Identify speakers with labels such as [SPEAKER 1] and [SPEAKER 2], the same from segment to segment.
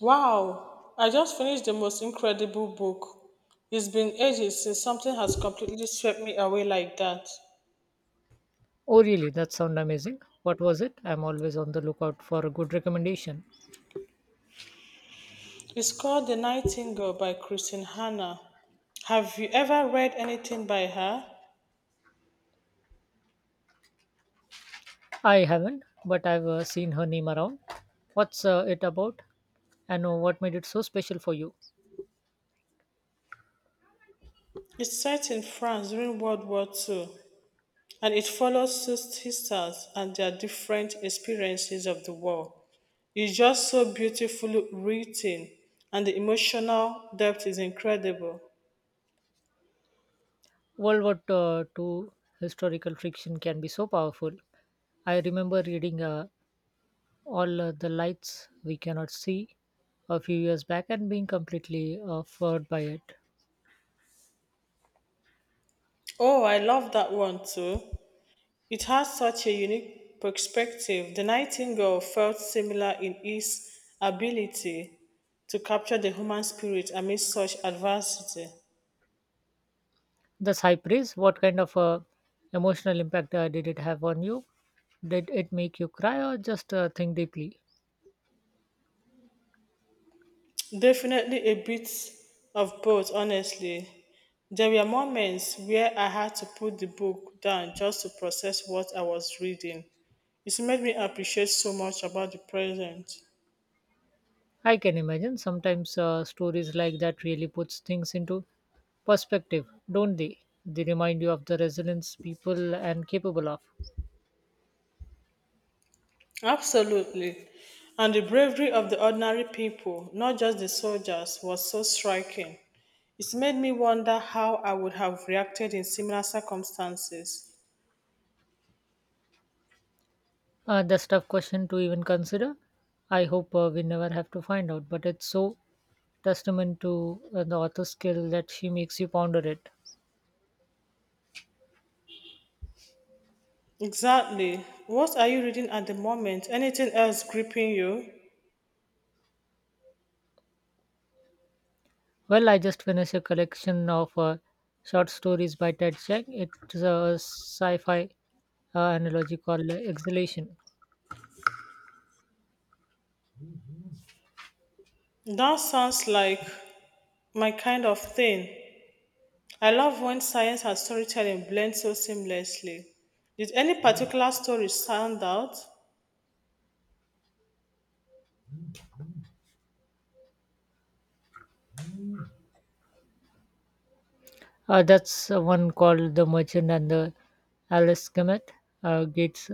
[SPEAKER 1] Wow, I just finished the most incredible book. It's been ages since something has completely swept me away like that.
[SPEAKER 2] Oh, really? That sounds amazing. What was it? I'm always on the lookout for a good recommendation.
[SPEAKER 1] It's called The Nightingale by Christine Hanna. Have you ever read anything by her?
[SPEAKER 2] I haven't, but I've seen her name around. What's it about? And what made it so special for you?
[SPEAKER 1] It's set in France during World War Two, and it follows two sisters and their different experiences of the war. It's just so beautifully written and the emotional depth is incredible.
[SPEAKER 2] World War II historical fiction can be so powerful. I remember reading all the Lights We Cannot See a few years back and being completely floored by it.
[SPEAKER 1] Oh, I love that one too. It has such a unique perspective. The nightingale felt similar in its ability to capture the human spirit amidst such adversity.
[SPEAKER 2] The Cypress, what kind of emotional impact did it have on you? Did it make you cry or just think deeply?
[SPEAKER 1] Definitely a bit of both, honestly. There were moments where I had to put the book down just to process what I was reading. It made me appreciate so much about the present.
[SPEAKER 2] I can imagine sometimes stories like that really puts things into perspective, don't they? They remind you of the resilience people and capable of.
[SPEAKER 1] Absolutely. And the bravery of the ordinary people, not just the soldiers, was so striking. It made me wonder how I would have reacted in similar circumstances.
[SPEAKER 2] That's tough question to even consider. I hope we never have to find out, but it's so testament to the author's skill that she makes you ponder it.
[SPEAKER 1] Exactly. What are you reading at the moment? Anything else gripping you?
[SPEAKER 2] Well, I just finished a collection of short stories by Ted Chiang. It's a sci-fi analogy called Exhalation.
[SPEAKER 1] That sounds like my kind of thing. I love when science and storytelling blend so seamlessly. Did any particular story stand out?
[SPEAKER 2] That's one called The Merchant and the Alice Kemet Gates.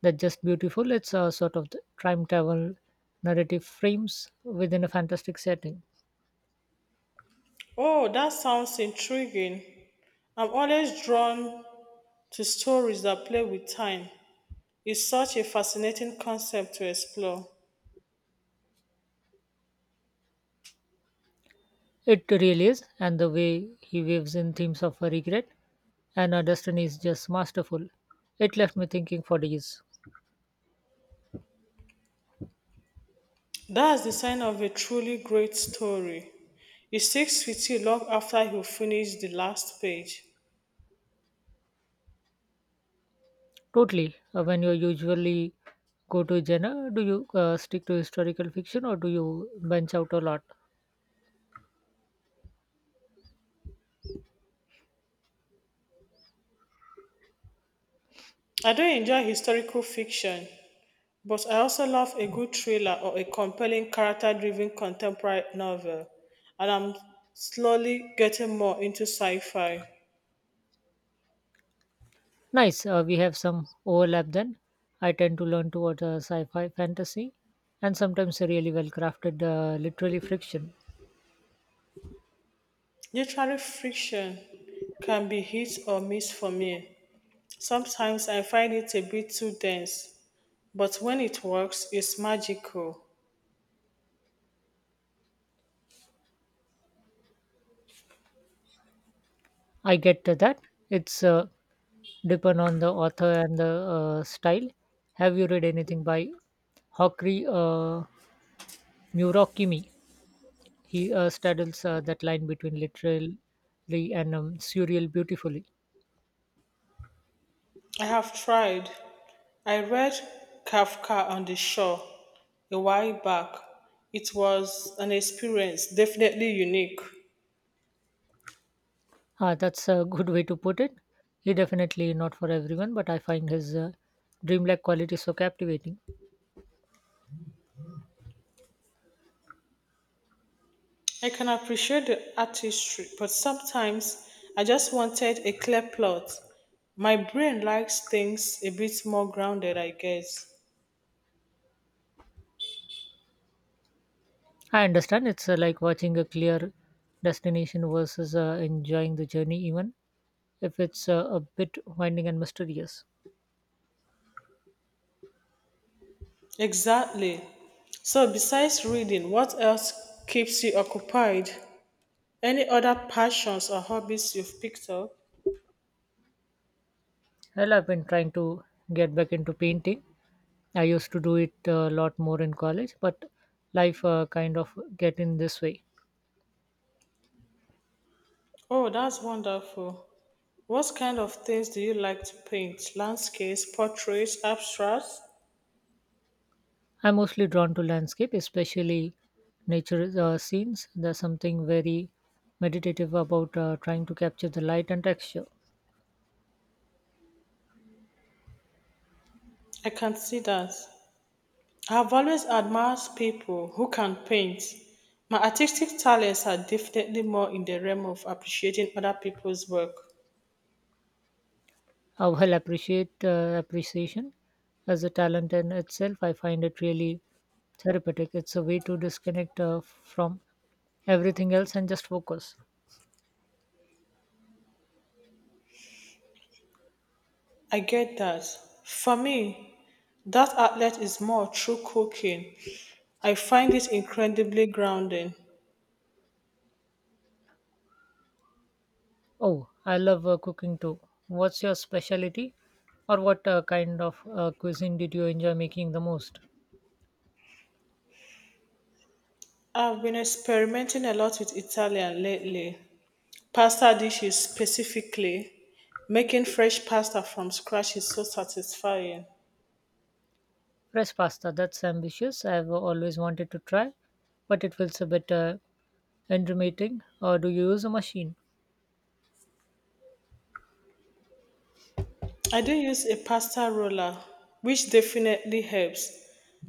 [SPEAKER 2] That's just beautiful. It's a sort of the time travel narrative frames within a fantastic setting.
[SPEAKER 1] Oh, that sounds intriguing. I'm always drawn to stories that play with time is such a fascinating concept to explore.
[SPEAKER 2] It really is, and the way he weaves in themes of regret and destiny is just masterful. It left me thinking for days.
[SPEAKER 1] That's the sign of a truly great story. It sticks with you long after you finish the last page.
[SPEAKER 2] Totally. When you usually go to genre, do you stick to historical fiction or do you branch out a lot?
[SPEAKER 1] I do enjoy historical fiction, but I also love a good thriller or a compelling character driven contemporary novel, and I'm slowly getting more into sci fi.
[SPEAKER 2] Nice. We have some overlap then. I tend to learn toward sci-fi, fantasy, and sometimes a really well-crafted literary fiction.
[SPEAKER 1] Literary fiction can be hit or miss for me. Sometimes I find it a bit too dense, but when it works, it's magical.
[SPEAKER 2] I get to that. It's depend on the author and the style. Have you read anything by Hokri Murakami? He straddles that line between literary and surreal beautifully.
[SPEAKER 1] I have tried. I read Kafka on the Shore a while back. It was an experience definitely unique.
[SPEAKER 2] Ah, that's a good way to put it. He definitely not for everyone, but I find his dreamlike quality so captivating.
[SPEAKER 1] I can appreciate the artistry, but sometimes I just wanted a clear plot. My brain likes things a bit more grounded, I guess.
[SPEAKER 2] I understand it's like watching a clear destination versus enjoying the journey, even if it's a bit winding and mysterious.
[SPEAKER 1] Exactly. So, besides reading, what else keeps you occupied? Any other passions or hobbies you've picked up?
[SPEAKER 2] Well, I've been trying to get back into painting. I used to do it a lot more in college, but life kind of get in this way.
[SPEAKER 1] Oh, that's wonderful. What kind of things do you like to paint? Landscapes, portraits, abstracts?
[SPEAKER 2] I'm mostly drawn to landscape, especially nature scenes. There's something very meditative about trying to capture the light and texture.
[SPEAKER 1] I can see that. I've always admired people who can paint. My artistic talents are definitely more in the realm of appreciating other people's work.
[SPEAKER 2] While appreciate appreciation as a talent in itself, I find it really therapeutic. It's a way to disconnect from everything else and just focus.
[SPEAKER 1] I get that. For me, that outlet is more through cooking. I find it incredibly grounding.
[SPEAKER 2] Oh, I love cooking too. What's your specialty, or what kind of cuisine did you enjoy making the most?
[SPEAKER 1] I've been experimenting a lot with Italian lately, pasta dishes specifically. Making fresh pasta from scratch is so satisfying.
[SPEAKER 2] Fresh pasta, that's ambitious. I've always wanted to try, but it feels a bit intermittent. Or do you use a machine?
[SPEAKER 1] I do use a pasta roller, which definitely helps,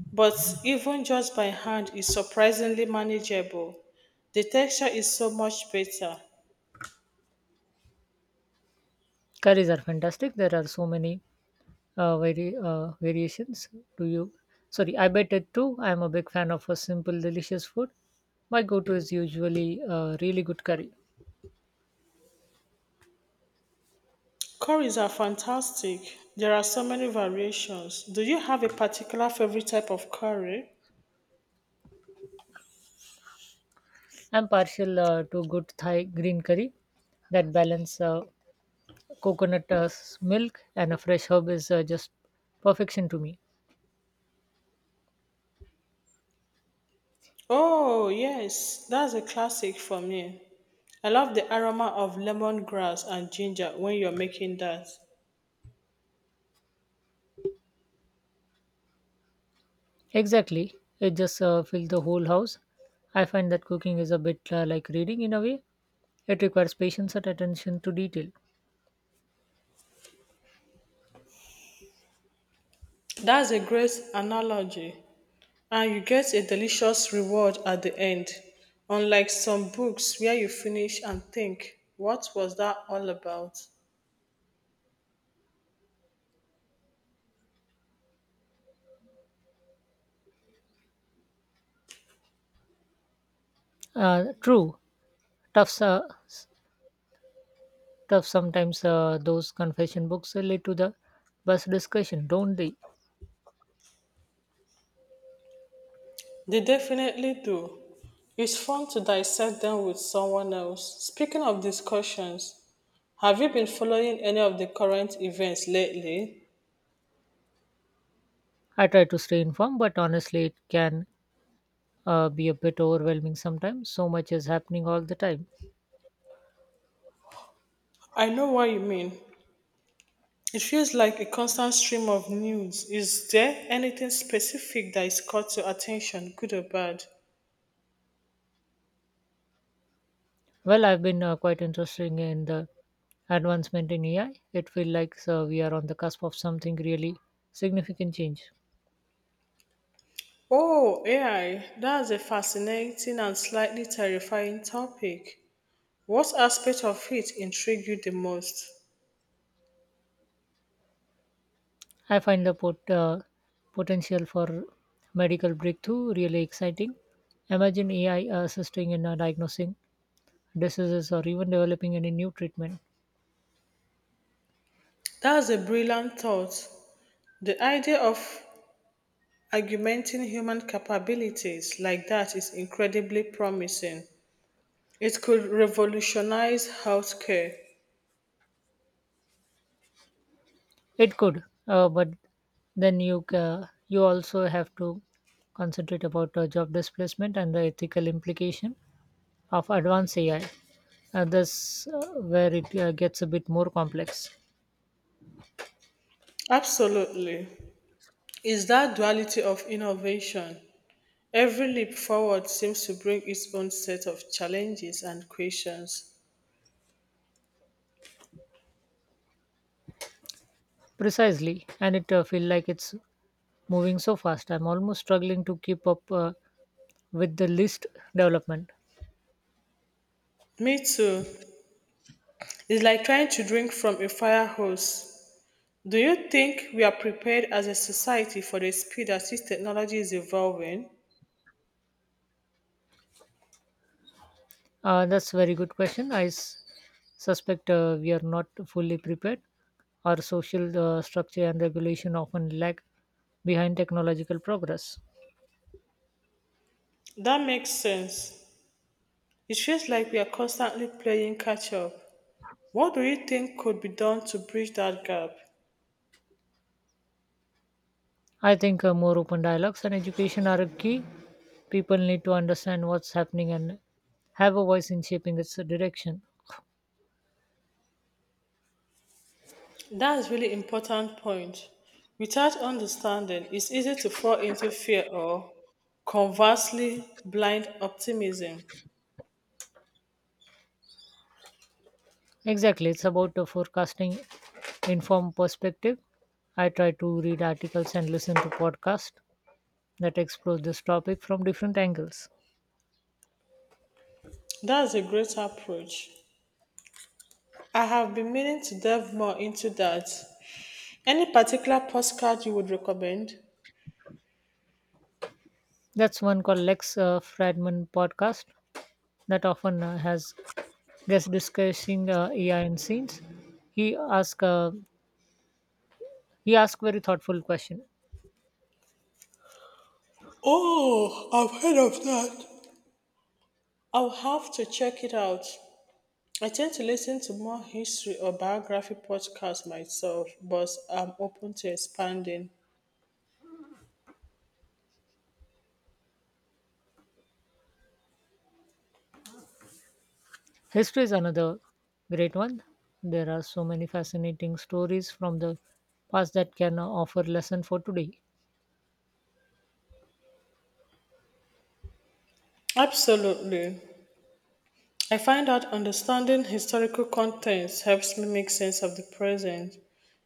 [SPEAKER 1] but even just by hand is surprisingly manageable. The texture is so much better.
[SPEAKER 2] Curries are fantastic. There are so many variations. Do you? Sorry, I bet it too. I'm a big fan of a simple, delicious food. My go-to is usually really good curry.
[SPEAKER 1] Curries are fantastic. There are so many variations. Do you have a particular favorite type of curry?
[SPEAKER 2] I'm partial to good Thai green curry. That balance, coconut milk and a fresh herb is just perfection to me.
[SPEAKER 1] Oh, yes, that's a classic for me. I love the aroma of lemongrass and ginger when you're making that.
[SPEAKER 2] Exactly. It just fills the whole house. I find that cooking is a bit like reading in a way. It requires patience and attention to detail.
[SPEAKER 1] That's a great analogy. And you get a delicious reward at the end, unlike some books where you finish and think, what was that all about?
[SPEAKER 2] True, tough, uh, s- tough. Sometimes those confession books lead to the best discussion, don't they?
[SPEAKER 1] They definitely do. It's fun to dissect them with someone else. Speaking of discussions, have you been following any of the current events lately?
[SPEAKER 2] I try to stay informed, but honestly, it can be a bit overwhelming sometimes. So much is happening all the time.
[SPEAKER 1] I know what you mean. It feels like a constant stream of news. Is there anything specific that is caught your attention, good or bad?
[SPEAKER 2] Well, I've been quite interested in the advancement in AI. It feels like we are on the cusp of something really significant change.
[SPEAKER 1] Oh, AI, that's a fascinating and slightly terrifying topic. What aspect of it intrigued you the most?
[SPEAKER 2] I find the potential for medical breakthrough really exciting. Imagine AI assisting in diagnosing diseases or even developing any new treatment.
[SPEAKER 1] That's a brilliant thought. The idea of augmenting human capabilities like that is incredibly promising. It could revolutionize healthcare.
[SPEAKER 2] It could, but then you also have to concentrate about job displacement and the ethical implication of advanced AI. That's where it gets a bit more complex.
[SPEAKER 1] Absolutely. It's that duality of innovation. Every leap forward seems to bring its own set of challenges and questions.
[SPEAKER 2] Precisely, and it feels like it's moving so fast. I'm almost struggling to keep up with the list development.
[SPEAKER 1] Me too. It's like trying to drink from a fire hose. Do you think we are prepared as a society for the speed at which technology is evolving?
[SPEAKER 2] That's a very good question. I suspect we are not fully prepared. Our social structure and regulation often lag behind technological progress.
[SPEAKER 1] That makes sense. It feels like we are constantly playing catch up. What do you think could be done to bridge that gap?
[SPEAKER 2] I think more open dialogues and education are a key. People need to understand what's happening and have a voice in shaping its direction.
[SPEAKER 1] That's really important point. Without understanding, it's easy to fall into fear or conversely blind optimism.
[SPEAKER 2] Exactly, it's about the forecasting informed perspective. I try to read articles and listen to podcasts that explore this topic from different angles.
[SPEAKER 1] That's a great approach. I have been meaning to delve more into that. Any particular postcard you would recommend?
[SPEAKER 2] That's one called Lex Fradman podcast that often has guests discussing AI and scenes. He ask uh, he ask very thoughtful question.
[SPEAKER 1] Oh, I've heard of that. I'll have to check it out. I tend to listen to more history or biography podcasts myself, but I'm open to expanding.
[SPEAKER 2] History is another great one. There are so many fascinating stories from the past that can offer lesson for today.
[SPEAKER 1] Absolutely. I find that understanding historical contents helps me make sense of the present.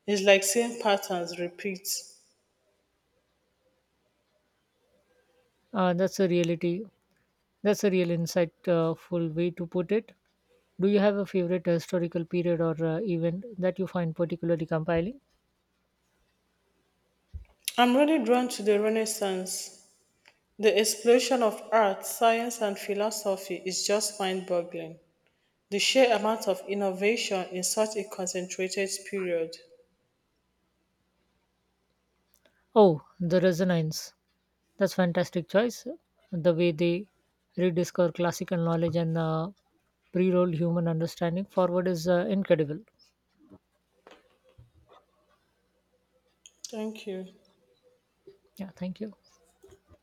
[SPEAKER 1] It's like seeing patterns repeat.
[SPEAKER 2] Uh, that's a reality. That's a real insightful way to put it. Do you have a favorite historical period or event that you find particularly compelling?
[SPEAKER 1] I'm really drawn to the Renaissance. The explosion of art, science, and philosophy is just mind boggling. The sheer amount of innovation in such a concentrated period.
[SPEAKER 2] Oh, the Resonance. That's fantastic choice. The way they rediscover classical knowledge and pre-rolled human understanding forward is incredible.
[SPEAKER 1] Thank you.
[SPEAKER 2] Yeah, thank you.